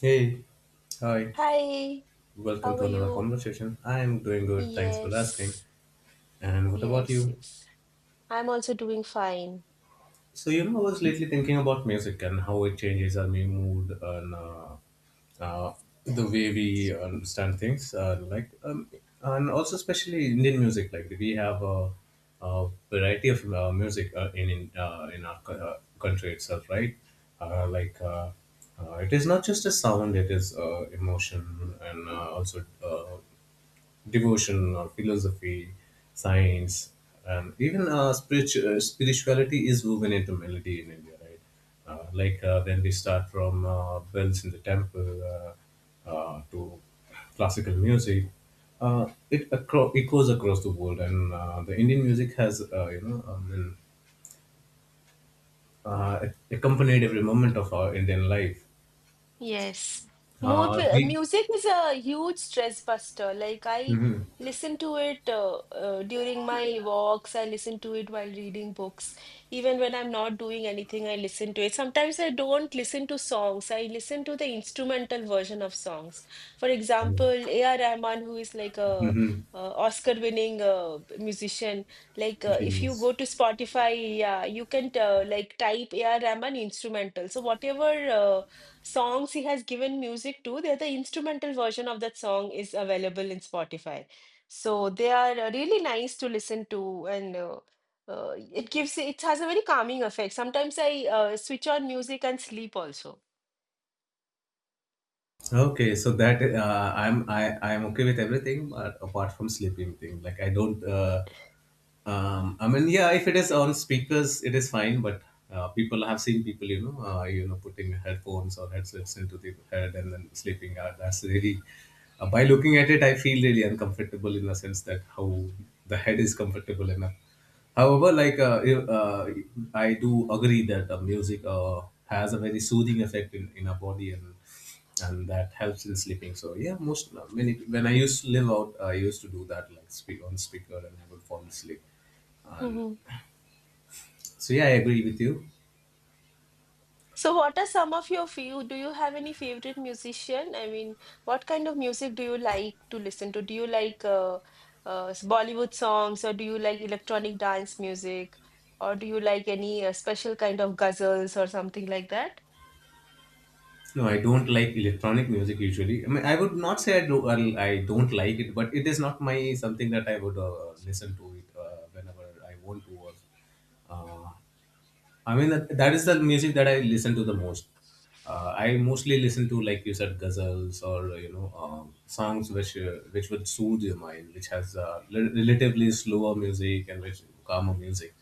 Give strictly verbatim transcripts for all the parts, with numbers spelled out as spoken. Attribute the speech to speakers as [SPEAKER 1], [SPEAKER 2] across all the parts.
[SPEAKER 1] Hey, hi,
[SPEAKER 2] Hi,
[SPEAKER 1] welcome
[SPEAKER 2] how
[SPEAKER 1] to
[SPEAKER 2] are
[SPEAKER 1] another
[SPEAKER 2] you?
[SPEAKER 1] conversation. I am doing good, thanks for asking.
[SPEAKER 2] Yes,
[SPEAKER 1] And what about
[SPEAKER 2] yes,
[SPEAKER 1] you?
[SPEAKER 2] yes. I'm also doing fine.
[SPEAKER 1] So, you know, I was lately thinking about music and how it changes our mood and uh, uh, the way we understand things. Uh, like, um, and also especially Indian music. Like, we have a, a variety of uh, music uh, in in, uh, in our co- uh, country itself, right? Uh, like, uh, uh, it is not just a sound; it is uh, emotion and uh, also uh, devotion or philosophy, science, and even uh, spiritual, spirituality is woven into melody in India, right? Uh, like uh, when we start from uh, bells in the temple uh, uh, to classical music, uh, it acro- it goes across the world, and uh, the Indian music has uh, you know um, been, uh, accompanied every moment of our Indian life.
[SPEAKER 2] Yes.
[SPEAKER 1] Uh,
[SPEAKER 2] Movie,
[SPEAKER 1] we.
[SPEAKER 2] music is a huge stress buster. Like I
[SPEAKER 1] Mhm.
[SPEAKER 2] listen to it uh, uh, during my walks. I listen to it while reading books. Even when I'm not doing anything, I listen to it. Sometimes I don't listen to songs. I listen to the instrumental version of songs. For example,
[SPEAKER 1] Um,
[SPEAKER 2] A R. Rahman, who is like a
[SPEAKER 1] mhm.
[SPEAKER 2] Uh, Oscar-winning uh, musician. Like, uh, if you
[SPEAKER 1] Genius.
[SPEAKER 2] go to Spotify, yeah, you can uh, like type A R. Rahman instrumental. So whatever Uh, songs he has given music to. They're the instrumental version of that song is available in Spotify. So they are uh, really nice to listen to, and uh, uh, it gives it has a very calming effect. Sometimes I uh, switch on music and sleep also.
[SPEAKER 1] Okay, so that uh, I'm I I'm okay with everything, but apart from sleeping thing, like I don't, uh, um, I mean, yeah, if it is on speakers, it is fine. But uh, people I have seen people, you know, uh, you know, putting headphones or headsets into the head and then sleeping. Uh, that's really, uh, by looking at it, I feel really uncomfortable in the sense that how the head is comfortable enough. However, like uh, you- uh, I do agree that uh, music uh, has a very soothing effect in, in our body and and that helps in sleeping. So yeah, most uh, many when I used to live out, I used to do that like speak on speaker and I would fall asleep. Um, so yeah, I agree with you.
[SPEAKER 2] So, what are some of your few? Do you have any favorite musician? I mean, what kind of music do you like to listen to? Do you like uh, uh, s- Bollywood songs, or do you like electronic dance music, or do you like any uh, special kind of ghazals or something like that?
[SPEAKER 1] No, I don't like electronic music usually. I mean, I would not say I, do, I I don't like it, but it is not my something that I would uh, listen to it uh, whenever I want to. Or, uh, I mean, that, that is the music that I listen to the most. Uh, I mostly listen to, like you said, ghazals or you know um, songs which uh, which would soothe your mind, which has uh, rel- relatively slower music and which calmer music.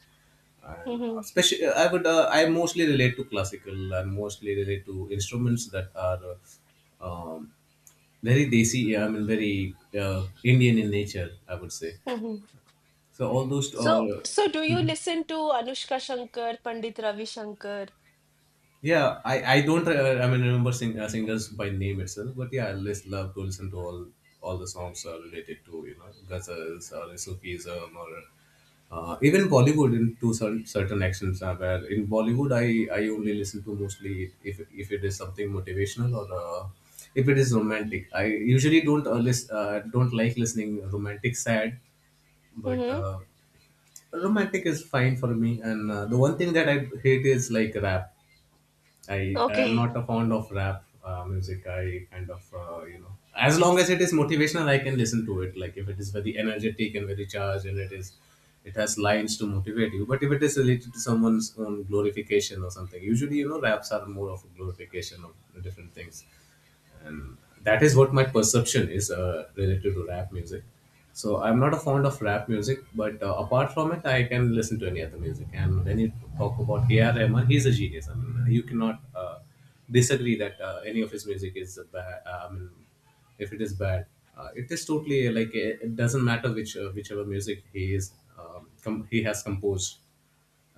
[SPEAKER 1] And uh,
[SPEAKER 2] Mm-hmm.
[SPEAKER 1] especially, uh, i would uh, I mostly relate to classical and mostly relate to instruments that are uh, um, very desi. I mean very uh, Indian in nature, I would say.
[SPEAKER 2] Mm-hmm.
[SPEAKER 1] So all those
[SPEAKER 2] So,
[SPEAKER 1] uh,
[SPEAKER 2] so do you listen to Anushka Shankar, Pandit Ravi Shankar?
[SPEAKER 1] Yeah, I, I don't, uh, I mean remember sing, uh, singers by name itself, but yeah, I just love to listen to all all the songs uh, related to you know ghazals or Sufism or uh, even Bollywood in to certain certain actions. Uh, where in Bollywood, I I only listen to mostly if if it is something motivational or uh, if it is romantic. I usually don't uh, list, uh, don't like listening romantic sad, but
[SPEAKER 2] Mm-hmm.
[SPEAKER 1] uh, romantic is fine for me. And uh, the one thing that I hate is like rap. I I am
[SPEAKER 2] Okay.
[SPEAKER 1] not a fond of rap uh, music. I kind of, uh, you know as long as it is motivational, I can listen to it. Like if it is very energetic and very charged, and it is it has lines to motivate you. But if it is related to someone's own glorification or something, usually you know raps are more of a glorification of different things, and that is what my perception is uh, related to rap music. So I'm not a fond of rap music, but uh, apart from it I can listen to any other music. And when you talk about A R Rahman, he's a genius. I mean, you cannot uh, disagree that uh, any of his music is bad. I mean if it is bad, uh, it is totally, uh, like it it doesn't matter which uh, whichever music he is, um, com- he has composed.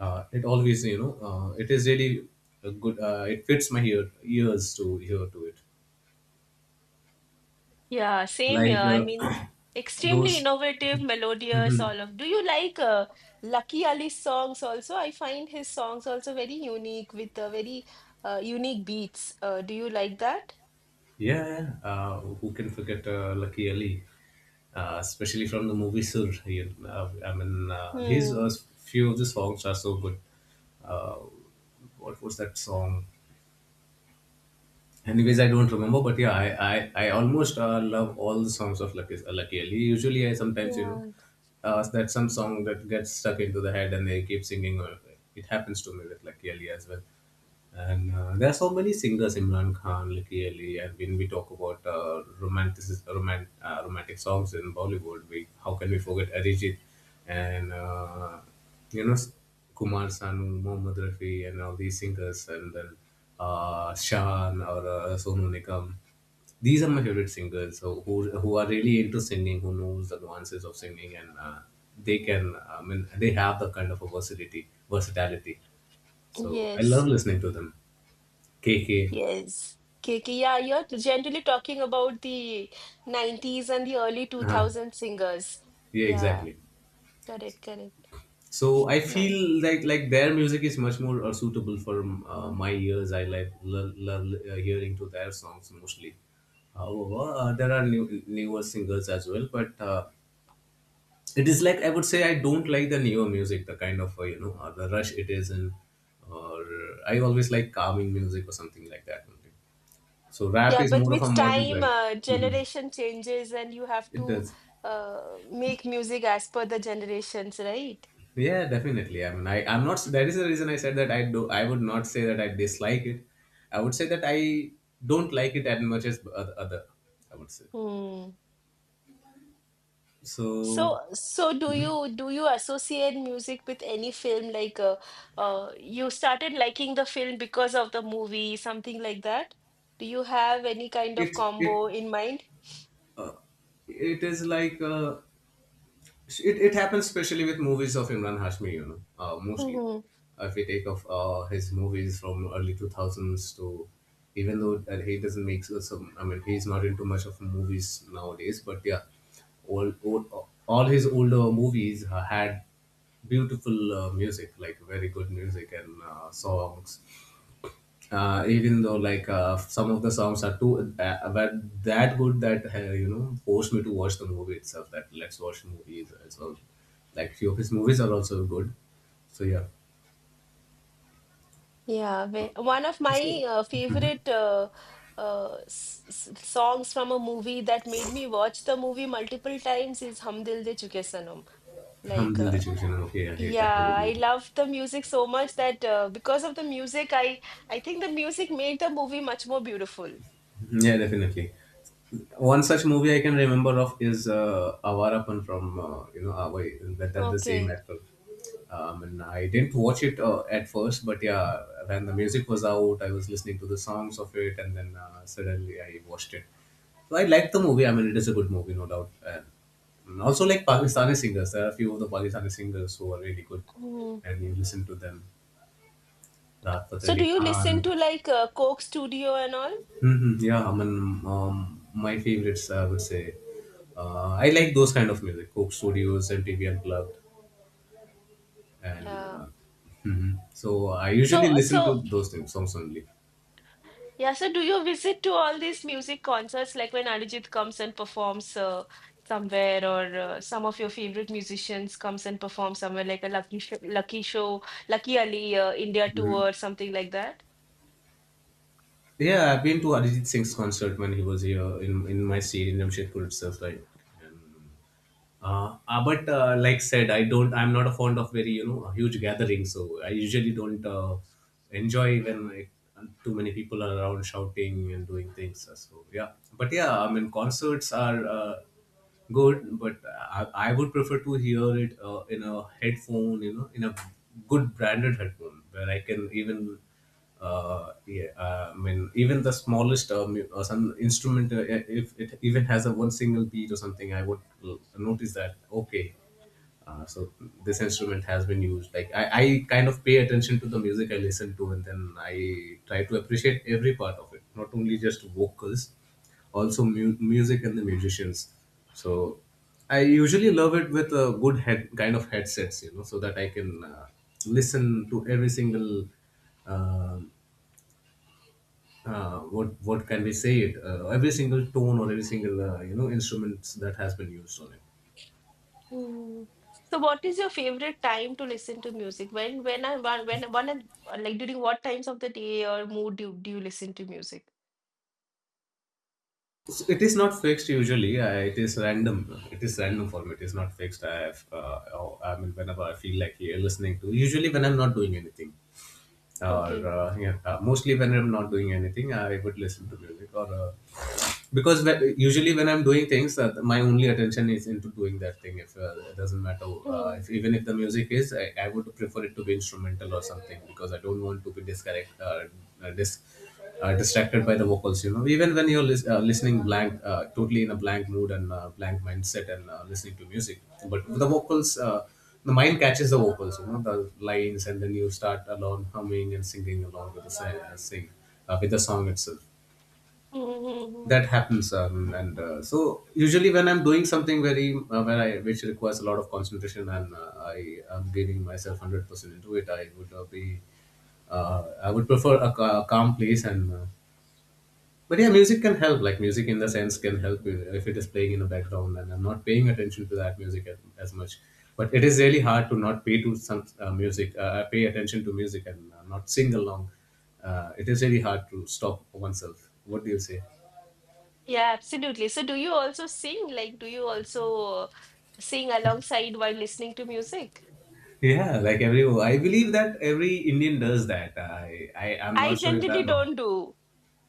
[SPEAKER 1] uh, It always, you know uh, it is really a good uh, it fits my ear, ears to hear to it,
[SPEAKER 2] Yeah, same here.
[SPEAKER 1] like
[SPEAKER 2] I mean,
[SPEAKER 1] uh,
[SPEAKER 2] extremely
[SPEAKER 1] those.
[SPEAKER 2] innovative, melodious,
[SPEAKER 1] Mhm.
[SPEAKER 2] all of. Do you like uh, Lucky Ali's songs also? I find his songs also very unique with uh, very uh, unique beats. Uh, do you like that?
[SPEAKER 1] Yeah, yeah. Uh, who can forget uh, Lucky Ali, uh, especially from the movie Sur. You, uh, I mean, uh, his
[SPEAKER 2] Hmm.
[SPEAKER 1] uh, few of the songs are so good. Uh, what was that song? Anyways, I don't remember, but yeah, I I, I almost uh, love all the songs of Lucky uh, Lucky Ali. Usually, I sometimes you know
[SPEAKER 2] Yeah.
[SPEAKER 1] uh, that some song that gets stuck into the head and they keep singing. Or it happens to me with Lucky Ali as well. And uh, there are so many singers, Imran Khan, Lucky Ali, and when we talk about uh, romantic, romant, uh, romantic songs in Bollywood, we how can we forget Arijit and uh, you know Kumar Sanu, Mohammad Rafi, and all these singers, and then uh, Shan or uh, Sonu Nigam. These are my favorite singers, so who, who are really into singing, who knows the nuances of singing, and uh, they can, I mean, they have the kind of a versatility. versatility. So I love
[SPEAKER 2] Yes.
[SPEAKER 1] listening to them. K K.
[SPEAKER 2] Yes. K K, yeah, you're generally talking about the nineties and the early
[SPEAKER 1] Uh-huh.
[SPEAKER 2] two thousand singers.
[SPEAKER 1] Yeah,
[SPEAKER 2] Yeah,
[SPEAKER 1] exactly.
[SPEAKER 2] correct, correct.
[SPEAKER 1] So I feel
[SPEAKER 2] Nice.
[SPEAKER 1] like like their music is much more uh, suitable for uh, my ears. I like love, love uh, hearing to their songs mostly. However, uh, there are new, newer singers as well, but uh, it is like I would say I don't like the neo music, the kind of, uh, you know uh, the rush it is in. Or I always like calming music or something like that only. So rap
[SPEAKER 2] Yeah,
[SPEAKER 1] is
[SPEAKER 2] but
[SPEAKER 1] more of a
[SPEAKER 2] with
[SPEAKER 1] modern
[SPEAKER 2] time,
[SPEAKER 1] trend.
[SPEAKER 2] uh,
[SPEAKER 1] Mhm.
[SPEAKER 2] generation changes, and you have
[SPEAKER 1] It
[SPEAKER 2] to
[SPEAKER 1] does.
[SPEAKER 2] uh, make music as per the generations, right?
[SPEAKER 1] Yeah, definitely. I mean I I'm not that is the reason I said that I do, I would not say that I dislike it. I would say that I don't like it as much as oth- other, I would say.
[SPEAKER 2] Hmm.
[SPEAKER 1] So.
[SPEAKER 2] So, so do
[SPEAKER 1] Mhm.
[SPEAKER 2] you do you associate music with any film? Like, uh, uh, you started liking the film because of the movie, something like that? Do you have any kind of
[SPEAKER 1] it it
[SPEAKER 2] combo in mind?
[SPEAKER 1] it is like, uh, it, it happens especially with movies of Imran Hashmi, you know, uh, mostly. If we take off uh, his movies from early two thousands to, even though that he doesn't make so- some, I mean, he's not into much of movies nowadays, but yeah, all, all, all his older movies ha- had beautiful uh, music, like very good music and uh, songs, uh, even though like uh, some of the songs are too uh, but that good that uh, you know forced me to watch the movie itself, that let's watch the movie. So like few of his movies are also good, so yeah.
[SPEAKER 2] Yeah, ve- one of
[SPEAKER 1] So
[SPEAKER 2] my uh, favorite uh, uh, s s songs from a movie that made me watch the movie multiple times is Hum Dil De Chuke Sanam.
[SPEAKER 1] Hum
[SPEAKER 2] Like,
[SPEAKER 1] Dil Di
[SPEAKER 2] uh,
[SPEAKER 1] Chhoo Chhoo. Okay, I hate that
[SPEAKER 2] yeah, I
[SPEAKER 1] movie.
[SPEAKER 2] love the music so much that, uh, because of the music, I I think the music made the movie much more beautiful.
[SPEAKER 1] Yeah, definitely. One such movie I can remember of is uh, Avarapan from uh, you know Avai, that, that the same
[SPEAKER 2] Okay.
[SPEAKER 1] actor. Um, and I didn't watch it uh, at first, but yeah, when the music was out, I was listening to the songs of it, and then uh, suddenly I watched it. So I liked the movie. I mean, it is a good movie, no doubt. And and also like Pakistani singers, there are a few of the Pakistani singers who are really good,
[SPEAKER 2] Hmm.
[SPEAKER 1] and you listen to them. Rahat Fateh
[SPEAKER 2] So, do
[SPEAKER 1] Ali
[SPEAKER 2] you
[SPEAKER 1] Khan.
[SPEAKER 2] listen to like uh, Coke Studio and all?
[SPEAKER 1] Mhm. Yeah, I mean, um, my favorites, I would say, uh, I like those kind of music, Coke Studios, M T V Unplugged, and
[SPEAKER 2] Yeah.
[SPEAKER 1] uh, mhm. So I usually
[SPEAKER 2] So,
[SPEAKER 1] listen to
[SPEAKER 2] so
[SPEAKER 1] those things, songs only.
[SPEAKER 2] Yeah, so do you visit to all these music concerts like when Arijit comes and performs uh, somewhere, or uh, some of your favorite musicians comes and performs somewhere like a Lucky Show, Lucky Show, Lucky Ali uh, India
[SPEAKER 1] Mhm.
[SPEAKER 2] tour, something like that?
[SPEAKER 1] Yeah, I've been to Arijit Singh's concert when he was here in in my state in Jamshedpur itself, right? And Uh, uh, but uh, like said, I don't. I'm not a fond of very you know huge gatherings. So I usually don't uh, enjoy when like, too many people are around shouting and doing things. Uh, So yeah, but yeah, I mean concerts are uh, good, but I, I would prefer to hear it uh, in a headphone, you know, in a good branded headphone where I can even uh, yeah, uh, I mean, even the smallest uh, mu- uh, some instrument, uh, yeah, if it even has a one single beat or something, I would l- notice that. Okay, uh, so this instrument has been used. Like I, I kind of pay attention to the music I listen to, and then I try to appreciate every part of it, not only just vocals, also mu- music and the musicians. So I usually love it with a good head kind of headsets, you know, so that I can uh, listen to every single um uh, what what can we say it uh, every single tone or every single uh, you know instruments that has been used on it.
[SPEAKER 2] Mm. So what is your favorite time to listen to music? When when I when when one and- like during what times of the day or mood do, do you listen to music?
[SPEAKER 1] So it is not fixed usually, uh, it is random. It is random for me, it is not fixed. I have uh, oh, I mean, whenever I feel like, yeah, listening to, usually when I'm not doing anything, or
[SPEAKER 2] Okay.
[SPEAKER 1] uh, yeah, uh, mostly when I'm not doing anything I would listen to music, or uh, because when, usually when I'm doing things, uh, my only attention is into doing that thing. If uh, it doesn't matter, uh,
[SPEAKER 2] Mm.
[SPEAKER 1] if, even if the music is, I, I would prefer it to be instrumental or something, because I don't want to be disconnect uh, uh, dis, uh, distracted by the vocals, you know. Even when you're lis- uh, listening blank, uh, totally in a blank mood and uh, blank mindset and uh, listening to music, but the vocals uh, the mind catches the vocals, you know, the lines, and then you start along humming and singing along with the si- uh, sing uh, with the song itself.
[SPEAKER 2] Mm, mm, mm, mm.
[SPEAKER 1] That happens. Um, and uh, So usually when I'm doing something very, uh, when I which requires a lot of concentration and uh, I am giving myself one hundred percent into it, I would uh, be, uh, I would prefer a, ca- calm place. And uh, but yeah, music can help, like music in the sense can help with-, if it is playing in the background and I'm not paying attention to that music as, as much. But it is really hard to not pay to some uh, music uh, pay attention to music and uh, not sing along. Uh, it is really hard to stop oneself, what do you say.
[SPEAKER 2] Yeah, absolutely. So do you also sing? Like do you also sing alongside while listening to music?
[SPEAKER 1] Yeah, like every, I believe that every Indian does that. I, I am
[SPEAKER 2] I
[SPEAKER 1] not sure if
[SPEAKER 2] generally
[SPEAKER 1] I'm wrong.
[SPEAKER 2] don't do.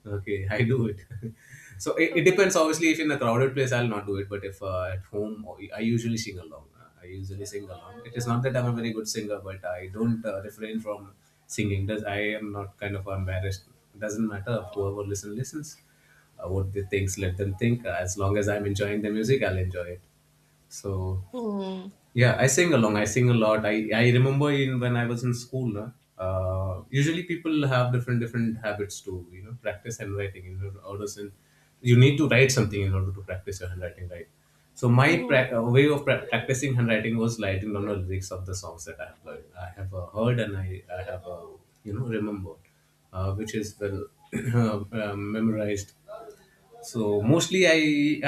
[SPEAKER 1] Okay, I do it. So it, it
[SPEAKER 2] Okay.
[SPEAKER 1] depends. Obviously, if in a crowded place, I'll not do it. But if uh, at home, I usually sing along. Uh, I usually sing along. It is not that I'm a very good singer, but I don't uh, refrain from singing. Does, I am not kind of embarrassed. Doesn't matter if whoever listen listens. Uh, what they thinks, let them think. Uh, as long as I'm enjoying the music, I'll enjoy it. So
[SPEAKER 2] Hmm.
[SPEAKER 1] yeah, I sing along. I sing a lot. I, I remember in when I was in school. Uh, uh, usually people have different different habits to, you know, practice handwriting in order to, you need to write something in order to practice your handwriting, right. So my
[SPEAKER 2] Hmm.
[SPEAKER 1] pra- uh, way of pra- practicing handwriting was writing down the lyrics of the songs that I have learned, I have uh, heard, and I, I have uh, you know, remembered, uh, which is well, uh, memorized. So mostly I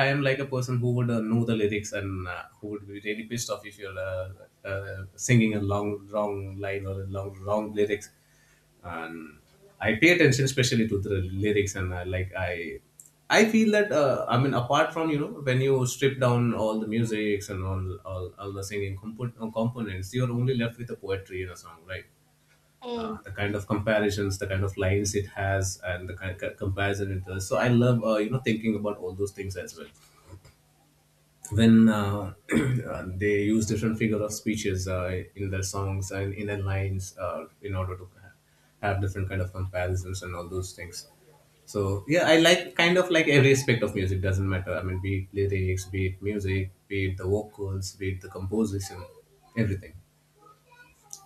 [SPEAKER 1] I am like a person who would uh, know the lyrics and uh, who would be really pissed off if you're uh, uh, singing a long wrong line or a long wrong lyrics. And I pay attention especially to the lyrics, and I, like I I feel that, uh, I mean, apart from, you know, when you strip down all the musics and all all, all the singing compo- components, you're only left with the poetry in a song, right?
[SPEAKER 2] Hmm.
[SPEAKER 1] Uh, the kind of comparisons, the kind of lines it has, and the kind of comparison it does. So I love, uh, you know thinking about all those things as well. When uh, uh, they use different figure of speeches uh, in their songs and in their lines, uh, in order to ha- have different kind of comparisons and all those things. So yeah, I like, kind of like every aspect of music. Doesn't matter. I mean, be it lyrics, be it music, be it the vocals, be it the composition, everything.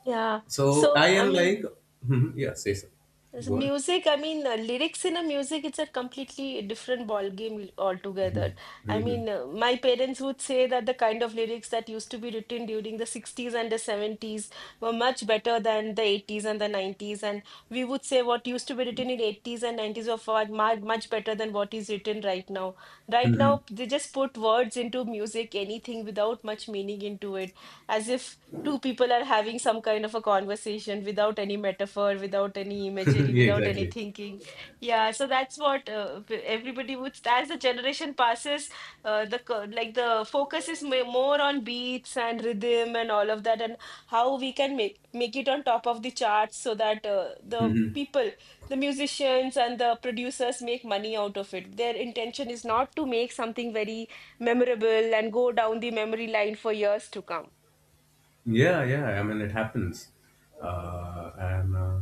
[SPEAKER 2] Yeah.
[SPEAKER 1] So I
[SPEAKER 2] So, I
[SPEAKER 1] am
[SPEAKER 2] mean,
[SPEAKER 1] like, yeah, say so.
[SPEAKER 2] Is
[SPEAKER 1] Go ahead.
[SPEAKER 2] Music, I mean, uh, lyrics in a music, it's a completely different ball game altogether. I
[SPEAKER 1] Mhm.
[SPEAKER 2] mean, uh, my parents would say that the kind of lyrics that used to be written during the sixties and the seventies were much better than the eighties and the nineties. And we would say what used to be written in eighties and nineties were far, mu- much better than what is written right now. Right now, they just put words into music, anything without much meaning into it, as if two people are having some kind of a conversation without any metaphor, without any imagery,
[SPEAKER 1] Yeah,
[SPEAKER 2] without any
[SPEAKER 1] exactly.
[SPEAKER 2] thinking. Yeah, so that's what uh, p- everybody would. As the generation passes, uh, the co- like the focus is ma- more on beats and rhythm and all of that, and how we can make make it on top of the charts so that uh, the people, the musicians and the producers make money out of it. Their intention is not to make something very memorable and go down the memory line for years to come.
[SPEAKER 1] Yeah, yeah. I mean, it happens. Uh, and uh,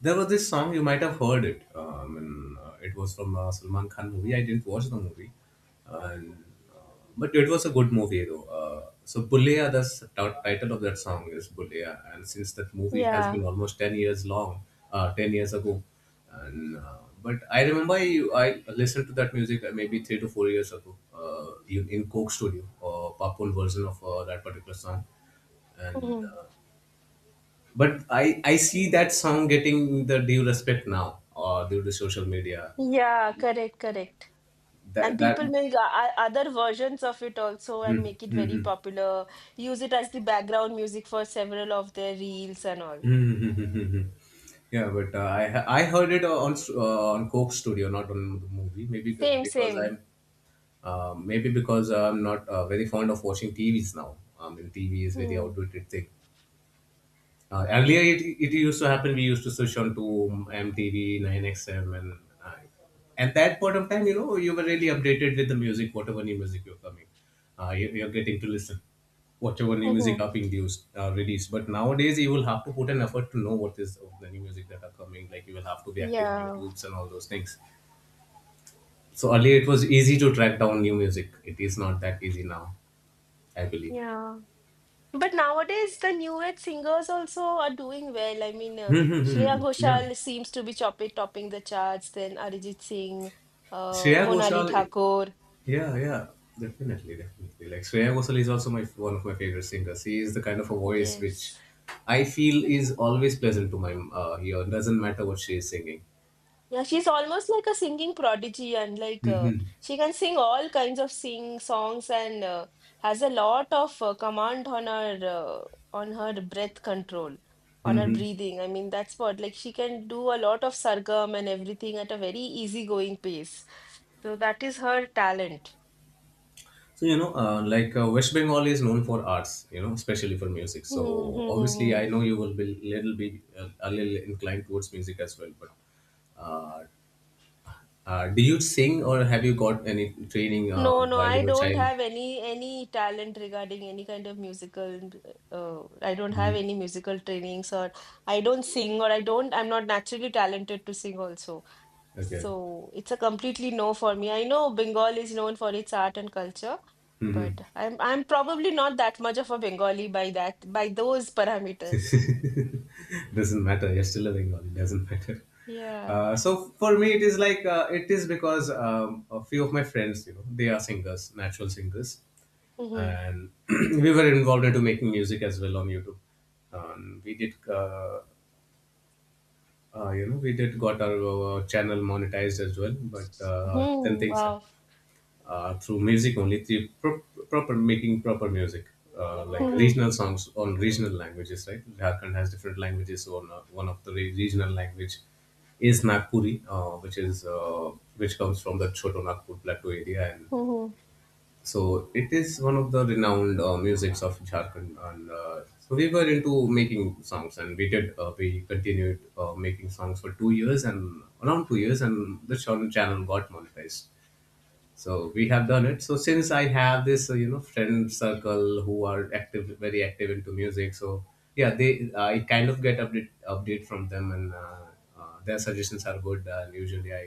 [SPEAKER 1] There was this song, you might have heard it. Uh, I mean, uh, it was from a Salman Khan movie. I didn't watch the movie, and uh, but it was a good movie though. Uh, so Buleya, the s- t- title of that song is Buleya, and since that movie has
[SPEAKER 2] Yeah.
[SPEAKER 1] been almost ten years long, uh, ten years ago, and uh, but I remember, I, I listened to that music uh, maybe three to four years ago, uh, in, in Coke Studio, uh, Papoon version of uh, that particular song. and
[SPEAKER 2] Mhm.
[SPEAKER 1] uh, but I I see that song getting the due respect now, or due to social media.
[SPEAKER 2] Yeah, correct, correct. And
[SPEAKER 1] That that
[SPEAKER 2] people make o- o- other versions of it also and
[SPEAKER 1] Hmm,
[SPEAKER 2] make it
[SPEAKER 1] hmm,
[SPEAKER 2] very
[SPEAKER 1] hmm.
[SPEAKER 2] popular. Use it as the background music for several of their reels and all.
[SPEAKER 1] Hmm, hmm, hmm, hmm, hmm, hmm. Yeah, but uh, I I heard it on uh, on Coke Studio, not on the movie. Maybe c-
[SPEAKER 2] Same,
[SPEAKER 1] because
[SPEAKER 2] same.
[SPEAKER 1] I'm, uh, maybe because I'm not uh, very fond of watching T Vs now. I mean, T V is very
[SPEAKER 2] Mm.
[SPEAKER 1] outdated thing. Uh, earlier, it, it used to happen. We used to switch on to M T V, nine X M, and uh, at that point of time, you know, you were really updated with the music, whatever new music you're coming, uh, you, you're getting to listen, whatever new music
[SPEAKER 2] Mm-hmm.
[SPEAKER 1] are being used, uh, released. But nowadays, you will have to put an effort to know what is of the new music that are coming. Like you will have to be active on
[SPEAKER 2] Yeah,
[SPEAKER 1] YouTube's and all those things. So earlier, it was easy to track down new music. It is not that easy now, I believe.
[SPEAKER 2] yeah. But nowadays, the new age singers also are doing well. I mean, uh, Shreya
[SPEAKER 1] Yeah.
[SPEAKER 2] Ghoshal seems to be choppy topping the charts, then Arijit Singh, uh,
[SPEAKER 1] Shreya
[SPEAKER 2] Monali
[SPEAKER 1] Ghoshal,
[SPEAKER 2] Thakur.
[SPEAKER 1] yeah, yeah, definitely, definitely. Like Shreya Ghosal is also my, one of my favorite singers. He is the kind of a voice which
[SPEAKER 2] Yes.
[SPEAKER 1] I feel is always pleasant to my uh, ear. Doesn't matter what she is singing.
[SPEAKER 2] Yeah, she's almost like a singing prodigy, and like uh, she can sing all kinds of sing songs, and uh, has a lot of uh, command on her uh, on her breath control, on her
[SPEAKER 1] Hmm.
[SPEAKER 2] breathing. I mean, that's what like she can do a lot of sargam and everything at a very easygoing pace. So that is her talent.
[SPEAKER 1] So, you know, uh, like uh, West Bengal is known for arts, you know, especially for music. So obviously,
[SPEAKER 2] Hmm.
[SPEAKER 1] I know you will be little be uh, a little inclined towards music as well. But uh, uh, do you sing or have you got any training uh,
[SPEAKER 2] No, no,
[SPEAKER 1] while
[SPEAKER 2] I
[SPEAKER 1] you were a
[SPEAKER 2] don't
[SPEAKER 1] child?
[SPEAKER 2] have any any talent regarding any kind of musical. Uh, I don't have
[SPEAKER 1] Mhm.
[SPEAKER 2] any musical trainings, or I don't sing, or I don't. I'm not naturally talented to sing also.
[SPEAKER 1] Okay.
[SPEAKER 2] So it's a completely no for me. I know Bengal is known for its art and culture,
[SPEAKER 1] Mhm.
[SPEAKER 2] but I'm I'm probably not that much of a Bengali by that by those parameters.
[SPEAKER 1] Doesn't matter, you're still living on. It doesn't matter.
[SPEAKER 2] Yeah.
[SPEAKER 1] Uh, so for me it is like, uh, it is because, um, a few of my friends, you know, they are singers, natural singers,
[SPEAKER 2] Mm-hmm.
[SPEAKER 1] and we were involved into making music as well on YouTube. Um, we did uh, uh, you know we did got our, uh, channel monetized as well. But uh, then
[SPEAKER 2] Hmm.
[SPEAKER 1] things,
[SPEAKER 2] Wow.
[SPEAKER 1] uh, through music only, through pro- proper making proper music, uh, like
[SPEAKER 2] Hmm.
[SPEAKER 1] regional songs on regional languages, right. Jharkhand has different languages, so on, uh, one of the re- regional language is Nagpuri, uh, which is uh, which comes from the Choto Nagpur plateau area. And
[SPEAKER 2] Hmm.
[SPEAKER 1] so it is one of the renowned uh, musics of Jharkhand. And uh, so we were into making songs, and we did uh, we continued uh, making songs for two years and around two years, and the channel channel got monetized. So we have done it. So since I have this uh, you know friend circle who are active, very active into music, so yeah, they I kind of get update update from them. And uh, uh, Their suggestions are good, and usually I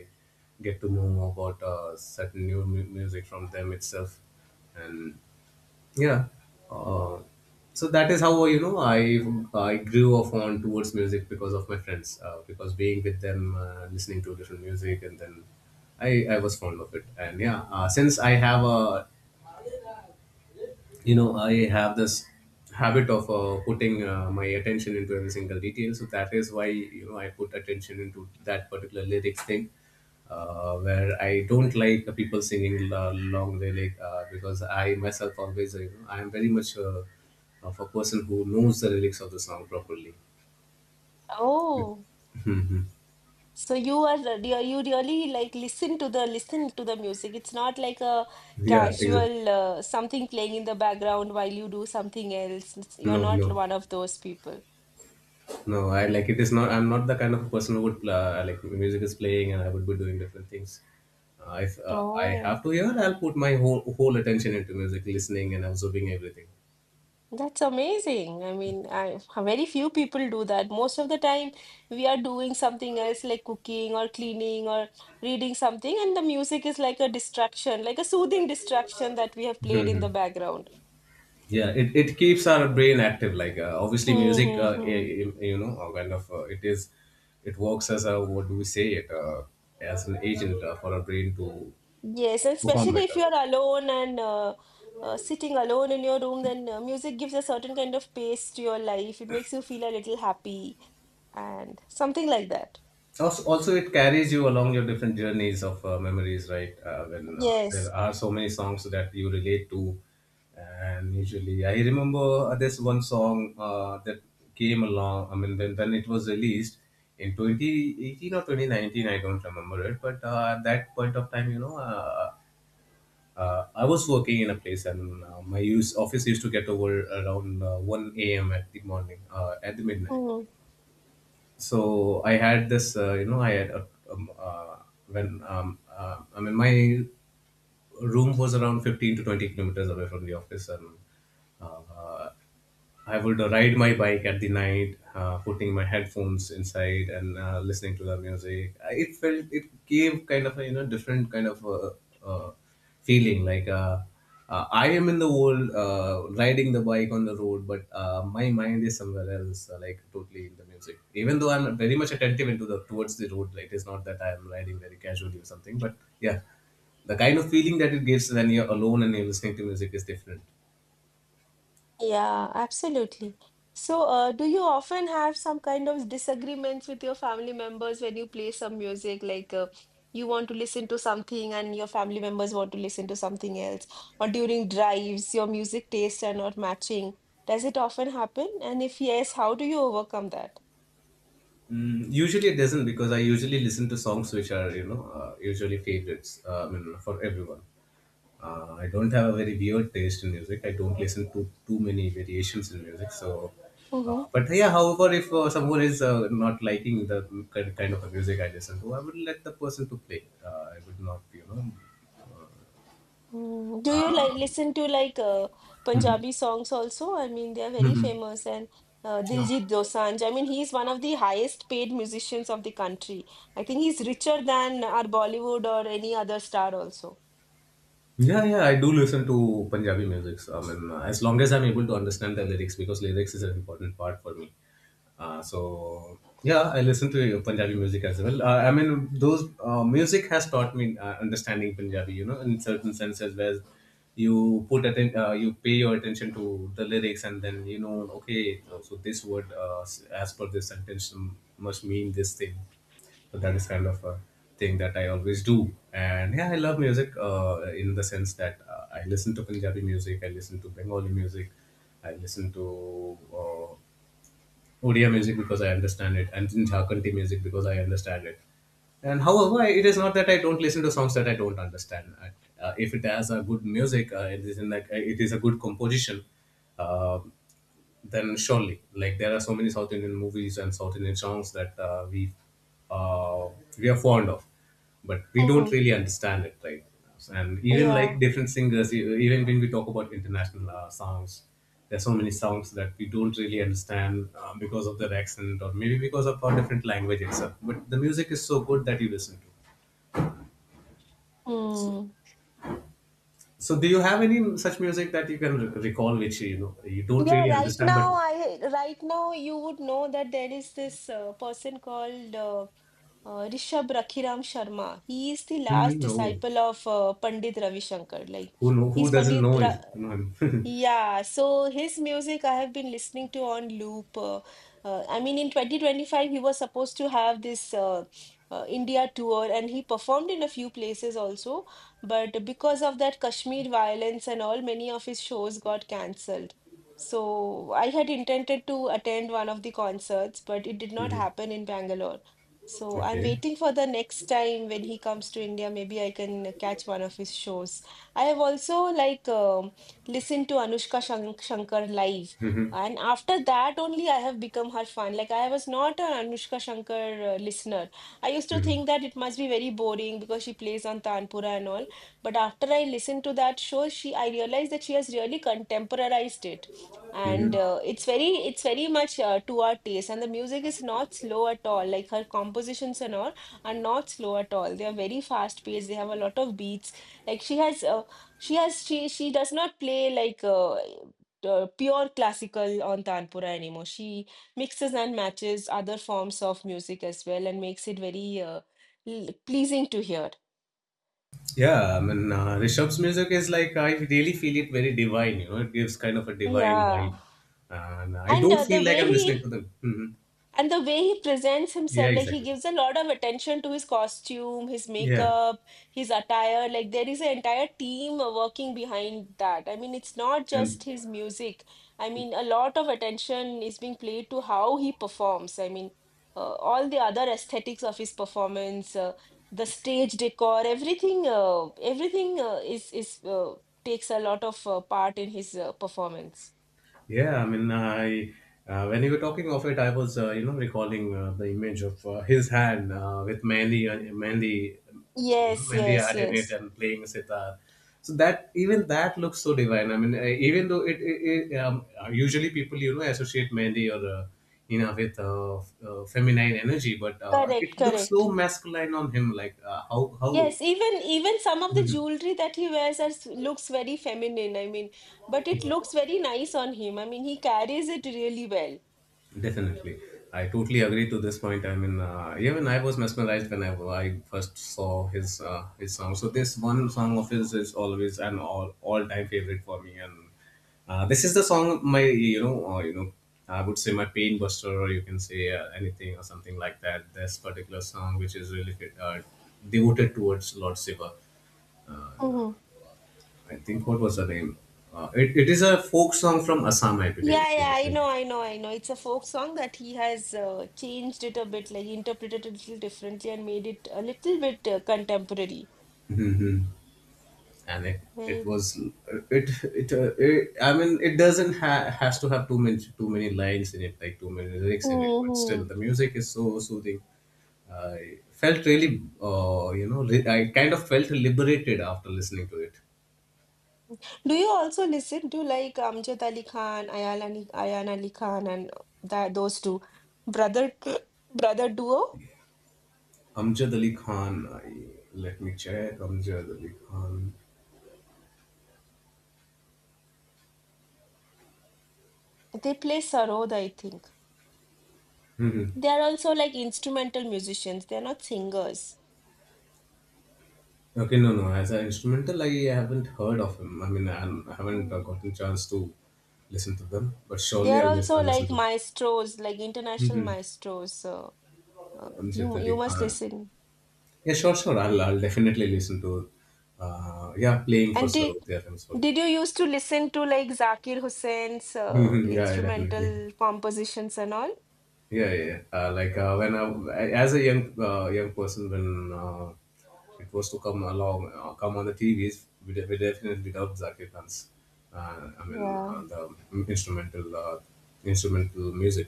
[SPEAKER 1] get to know more about uh, certain new mu- music from them itself. And yeah. Uh, so that is how, you know, I I grew a fond towards music because of my friends. Uh, because being with them, uh, listening to different music, and then I I was fond of it. And yeah, uh, since I have a, you know, I have this habit of uh, putting uh, my attention into every single detail. So that is why, you know, I put attention into that particular lyrics thing, uh, where I don't like the people singing uh, long lyric uh, because I myself always, uh, you know, I am very much, uh, of a person who knows the lyrics of the song properly.
[SPEAKER 2] Oh. So you are you you really like listen to the listen to the music. It's not like a
[SPEAKER 1] Yeah, exactly.
[SPEAKER 2] casual uh, something playing in the background while you do something else. It's- You're
[SPEAKER 1] no
[SPEAKER 2] not
[SPEAKER 1] no
[SPEAKER 2] one of those people.
[SPEAKER 1] No, I like, it is not. I'm not the kind of person who would pla uh, like music is playing and I would be doing different things. Uh, if uh, I have
[SPEAKER 2] Oh,
[SPEAKER 1] to hear, I'll put my whole whole attention into music, listening and absorbing everything.
[SPEAKER 2] that's amazing. I mean, I, very few people do that. Most of the time, we are doing something else like cooking or cleaning or reading something, and the music is like a distraction, like a soothing distraction that we have played in the
[SPEAKER 1] Mhm.
[SPEAKER 2] background.
[SPEAKER 1] Yeah, it, it keeps our brain active. Like uh, obviously,
[SPEAKER 2] Hmm.
[SPEAKER 1] music,
[SPEAKER 2] Hmm,
[SPEAKER 1] uh, i-
[SPEAKER 2] hmm.
[SPEAKER 1] i- you know, uh, kind of uh, it is, it works as a, what do we say it, uh, as an agent uh, for our brain to
[SPEAKER 2] Yes, and
[SPEAKER 1] perform
[SPEAKER 2] especially if you
[SPEAKER 1] better.
[SPEAKER 2] are alone and, uh, uh, sitting alone in your room, then uh, music gives a certain kind of pace to your life. It makes you feel a little happy and something like that.
[SPEAKER 1] also, also it carries you along your different journeys of uh, memories, right? Uh, when uh,
[SPEAKER 2] Yes.
[SPEAKER 1] there are so many songs that you relate to, and usually I remember uh, this one song uh, that came along, I mean when, when it was released in twenty eighteen or twenty nineteen. I don't remember it, but uh, at that point of time, you know uh, uh, I was working in a place, and uh, my use office used to get over around uh, one a m at the morning, uh, at the midnight.
[SPEAKER 2] Mm.
[SPEAKER 1] So I had this uh, you know i had a, um, uh, when um, uh, I mean my room was around fifteen to twenty kilometers away from the office, and uh, uh, I would ride my bike at the night, uh, putting my headphones inside, and uh, listening to the music. I- It felt — it gave kind of a you know different kind of a, uh feeling. Like uh, uh, I am in the world, uh, riding the bike on the road, but uh, my mind is somewhere else, uh, like totally in the music. Even though I'm very much attentive into the towards the road, like it is not that I am riding very casually or something. But yeah, the kind of feeling that it gives when you're alone and you're listening to music is different.
[SPEAKER 2] Yeah, absolutely. So, uh, do you often have some kind of disagreements with your family members when you play some music? Like, uh, you want to listen to something and your family members want to listen to something else? Or during drives, your music tastes are not matching. Does it often happen? And if yes, how do you overcome that?
[SPEAKER 1] Mm, usually it doesn't, because I usually listen to songs which are, you know uh, usually favorites. Uh, I mean, for everyone. Uh, I don't have a very weird taste in music. I don't listen to too many variations in music. So, uh, but yeah. However, if uh, someone is uh, not liking the ki- kind of a music I listen to, I would let the person to play. Uh, I would not you know.
[SPEAKER 2] Mm, do you like listen to like uh, Punjabi songs also? I mean, they are very
[SPEAKER 1] Um,
[SPEAKER 2] famous, and uh,
[SPEAKER 1] yeah.
[SPEAKER 2] Diljit Dosanjh. I mean, he's one of the highest paid musicians of the country. I think he's richer than our Bollywood or any other star also.
[SPEAKER 1] Yeah, yeah, I do listen to Punjabi music. I mean, uh, as long as I'm able to understand the lyrics, because lyrics is an important part for me. Uh, so yeah, I listen to uh, Punjabi music as well. Uh, I mean, those uh, music has taught me uh, understanding Punjabi. You know, in certain senses, where you put atten- uh, you pay your attention to the lyrics, and then, you know, okay, so this word uh, as per this sentence must mean this thing. So that is kind of a thing that I always do. And yeah, I love music uh, in the sense that uh, I listen to Punjabi music, I listen to Bengali music, I listen to uh, Odia music because I understand it, and Jharkhandi music because I understand it. And however, I- it is not that I don't listen to songs that I don't understand. I, uh, if it has a good music, uh, it is in like it is a good composition. Uh, then surely, like there are so many south indian movies and south indian songs that uh, we uh, we are fond of, but we don't
[SPEAKER 2] Mhm.
[SPEAKER 1] really understand it, right? And even, like,
[SPEAKER 2] Yeah.
[SPEAKER 1] different singers — e- even when we talk about international uh, songs, there are so many songs that we don't really understand, uh, because of their accent, or maybe because of our different language itself, but the music is so good that you listen to.
[SPEAKER 2] Mm.
[SPEAKER 1] So do you have any such music that you can re- recall, which, you know you don't
[SPEAKER 2] Yeah,
[SPEAKER 1] really
[SPEAKER 2] right
[SPEAKER 1] understand, but...
[SPEAKER 2] now I right now you would know that there is this uh, person called uh, uh, Rishabh Rakhiram Sharma. He is the last
[SPEAKER 1] Mhm. Oh,
[SPEAKER 2] disciple of uh, Pandit Ravi Shankar. Like
[SPEAKER 1] who know, who
[SPEAKER 2] he's
[SPEAKER 1] doesn't
[SPEAKER 2] Pandit
[SPEAKER 1] know
[SPEAKER 2] Ra.
[SPEAKER 1] is know him.
[SPEAKER 2] Yeah, so his music I have been listening to on loop. Uh, uh, I mean, in twenty twenty-five, he was supposed to have this uh, uh, India tour, and he performed in a few places also. But because of that Kashmir violence and all, many of his shows got cancelled. So I had intended to attend one of the concerts, but it did not
[SPEAKER 1] Mhm.
[SPEAKER 2] happen in Bangalore. So I'm
[SPEAKER 1] Okay.
[SPEAKER 2] waiting for the next time when he comes to India. Maybe I can catch one of his shows. I have also like. Um, listen to Anushka Shank- Shankar live. And after that, only I have become her fan. Like, I was not an Anushka Shankar uh, listener. I used to
[SPEAKER 1] Mhm.
[SPEAKER 2] think that it must be very boring because she plays on Tanpura and all. But after I listened to that show, she I realized that she has really contemporarized it.
[SPEAKER 1] Mhm.
[SPEAKER 2] And uh, it's very, it's very much uh, to our taste. And the music is not slow at all. Like her compositions and all are not slow at all. They are very fast paced. They have a lot of beats. Like she has. uh, she has she she does not play like uh, uh, pure classical on tanpura anymore. She mixes and matches other forms of music as well and makes it very uh, l- pleasing to hear.
[SPEAKER 1] Yeah, I mean, uh, Rishabh's music is, like, I really feel it very divine. You know, it gives kind of a divine
[SPEAKER 2] Yeah.
[SPEAKER 1] vibe, and I
[SPEAKER 2] And
[SPEAKER 1] don't
[SPEAKER 2] uh, the
[SPEAKER 1] feel like
[SPEAKER 2] way
[SPEAKER 1] I'm listening
[SPEAKER 2] he
[SPEAKER 1] to them. Mhm.
[SPEAKER 2] And the way he presents
[SPEAKER 1] Yeah,
[SPEAKER 2] himself, like he
[SPEAKER 1] exactly.
[SPEAKER 2] gives a lot of attention to his costume, his
[SPEAKER 1] Yeah,
[SPEAKER 2] makeup, his attire. Like there is an entire team uh, working behind that. I mean, it's not just
[SPEAKER 1] and
[SPEAKER 2] his music. I mean, a lot of attention is being played to how he performs. I mean, uh, all the other aesthetics of his performance, uh, the stage decor, everything, uh, everything uh, is is uh, takes a lot of uh, part in his uh, performance.
[SPEAKER 1] Yeah, I mean, I uh, when you were talking of it, I was uh, you know recalling uh, the image of uh, his hand uh, with Mandy, uh, Mandy, you know,
[SPEAKER 2] Yes,
[SPEAKER 1] Mandy
[SPEAKER 2] yes,
[SPEAKER 1] had in it,
[SPEAKER 2] yes.
[SPEAKER 1] and playing sitar. So that — even that looks so divine. I mean, uh, even though it, it, it um, usually people you know associate Mandy, or uh, you know with uh, f- uh, feminine energy, but uh,
[SPEAKER 2] Correct,
[SPEAKER 1] it looks so
[SPEAKER 2] correct.
[SPEAKER 1] masculine on him. Like uh, how how
[SPEAKER 2] Yes, even even some of the jewelry that he wears are, s- looks very feminine. I mean, but it looks very nice on him. I mean, he carries it really well.
[SPEAKER 1] Definitely, I totally agree to this point. I mean, uh, even I was mesmerized when I, I first saw his uh, his song. So this one song of his is always an all all time favorite for me, and uh, this is the song — my you know uh, you know I would say my pain buster, or you can say uh, anything or something like that. This particular song, which is really uh, devoted towards Lord Shiva.
[SPEAKER 2] Hmm.
[SPEAKER 1] I think, what was the name? Uh, it, it is a folk song from Assam, I believe,
[SPEAKER 2] Yeah,
[SPEAKER 1] which he
[SPEAKER 2] yeah,
[SPEAKER 1] was
[SPEAKER 2] I know,
[SPEAKER 1] singing.
[SPEAKER 2] I know, I know. It's a folk song that he has uh, changed it a bit, like interpreted it a little differently and made it a little bit uh, contemporary.
[SPEAKER 1] And it it
[SPEAKER 2] Very
[SPEAKER 1] was
[SPEAKER 2] nice.
[SPEAKER 1] it it, uh, it I mean, it doesn't ha- has to have too many too many lines in it, like too many lyrics in it, but still
[SPEAKER 2] Hmm.
[SPEAKER 1] the music is so soothing. I felt really — uh, you know li- I kind of felt liberated after listening to it.
[SPEAKER 2] Do you also listen to like Amjad Ali Khan, Ayaan Ali, Ayaan Ali Khan, and that those two brother brother duo?
[SPEAKER 1] Amjad Ali Khan — I, let me check. Amjad Ali Khan.
[SPEAKER 2] They play sarod, I think.
[SPEAKER 1] Hmm.
[SPEAKER 2] They are also like instrumental musicians. They're not singers.
[SPEAKER 1] Okay. No, no, as an instrumental I haven't heard of him. I mean, i haven't I haven't, uh,
[SPEAKER 2] Mm.
[SPEAKER 1] gotten chance to listen to them, but
[SPEAKER 2] They
[SPEAKER 1] surely
[SPEAKER 2] are
[SPEAKER 1] i'll, lis-
[SPEAKER 2] also
[SPEAKER 1] I'll listen
[SPEAKER 2] like
[SPEAKER 1] to
[SPEAKER 2] maestros, like international
[SPEAKER 1] them.
[SPEAKER 2] maestros. So uh,
[SPEAKER 1] Amjad
[SPEAKER 2] you
[SPEAKER 1] Ali
[SPEAKER 2] you must
[SPEAKER 1] Khan.
[SPEAKER 2] listen.
[SPEAKER 1] Yeah, sure, sure. I'll, I'll definitely listen to. Uh, yeah, playing for
[SPEAKER 2] And did
[SPEAKER 1] Sarvodaya himself.
[SPEAKER 2] did you used to listen to like Zakir Hussain's uh,
[SPEAKER 1] Mhm. Yeah, yeah, definitely.
[SPEAKER 2] instrumental compositions and all?
[SPEAKER 1] Yeah, yeah, yeah. Uh, like, uh, when I, as a young uh, young person, when uh, it was to come along, uh, come on the T Vs, we, de- we definitely dubbed Zakir Khan's. Uh, I mean,
[SPEAKER 2] Yeah,
[SPEAKER 1] uh, the instrumental uh, instrumental music.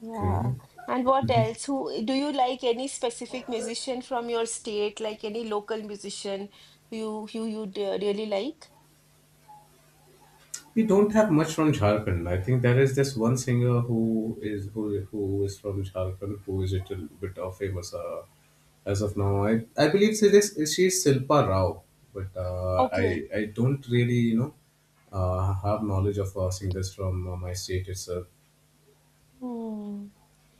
[SPEAKER 2] yeah.
[SPEAKER 1] Okay.
[SPEAKER 2] And what else? Who do you like any specific musician from your state, like any local musician you you you really like?
[SPEAKER 1] We don't have much from Jharkhand. I think there is this one singer who is who who is from Jharkhand, who is a little bit of famous uh, as of now. I I believe she is she is Silpa Rao, but uh, I
[SPEAKER 2] Okay.
[SPEAKER 1] I don't really you know uh, have knowledge of uh, singers from uh, my state itself.
[SPEAKER 2] Hmm.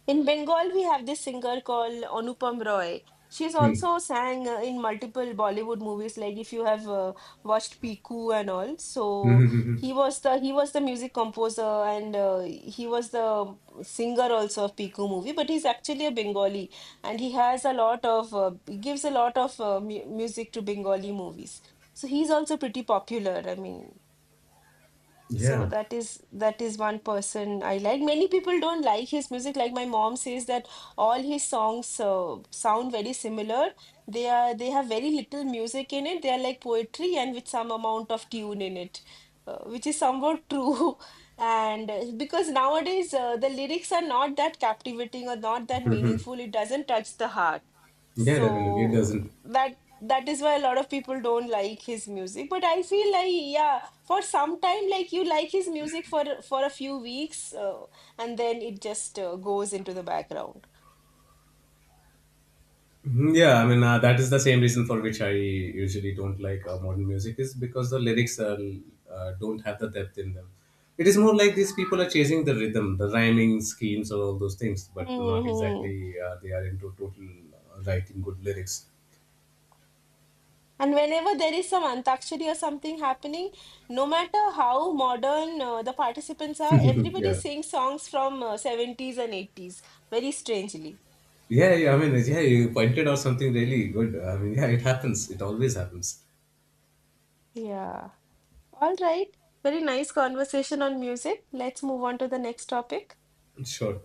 [SPEAKER 2] In Bengal, we have this singer called Anupam Roy. She's
[SPEAKER 1] Hmm.
[SPEAKER 2] also sang uh, in multiple Bollywood movies, like if you have uh, watched Piku and all. So he was the he was the music composer, and uh, he was the singer also of Piku movie. But he's actually a Bengali, and he has a lot of uh, he gives a lot of uh, mu music to Bengali movies. So he's also pretty popular. I mean. So
[SPEAKER 1] Yeah,
[SPEAKER 2] that is that is one person I like. Many people don't like his music. Like my mom says that all his songs uh, sound very similar. They are they have very little music in it. They are like poetry and with some amount of tune in it, uh, which is somewhat true. And uh, because nowadays, uh, the lyrics are not that captivating or not that meaningful, it doesn't touch the heart.
[SPEAKER 1] yeah,
[SPEAKER 2] So
[SPEAKER 1] definitely. It doesn't.
[SPEAKER 2] that that is why a lot of people don't like his music. But I feel like, yeah, for some time, like, you like his music for for a few weeks, uh, and then it just uh, goes into the background.
[SPEAKER 1] Mhm. Yeah, I mean, uh, that is the same reason for which I usually don't like uh, modern music — is because the lyrics are, uh, don't have the depth in them. It is more like these people are chasing the rhythm, the rhyming schemes, or all those things, but not
[SPEAKER 2] Hmm.
[SPEAKER 1] exactly uh, they are into total uh, writing good lyrics.
[SPEAKER 2] And whenever there is some antakshari or something happening, no matter how modern uh, the participants are, everybody
[SPEAKER 1] Yeah,
[SPEAKER 2] sings songs from uh, seventies and eighties very strangely.
[SPEAKER 1] yeah, yeah. I mean, yeah, you pointed out something really good. I mean, yeah, it happens. It always happens.
[SPEAKER 2] Yeah. All right. Very nice conversation on music. Let's move on to the next topic.
[SPEAKER 1] Sure.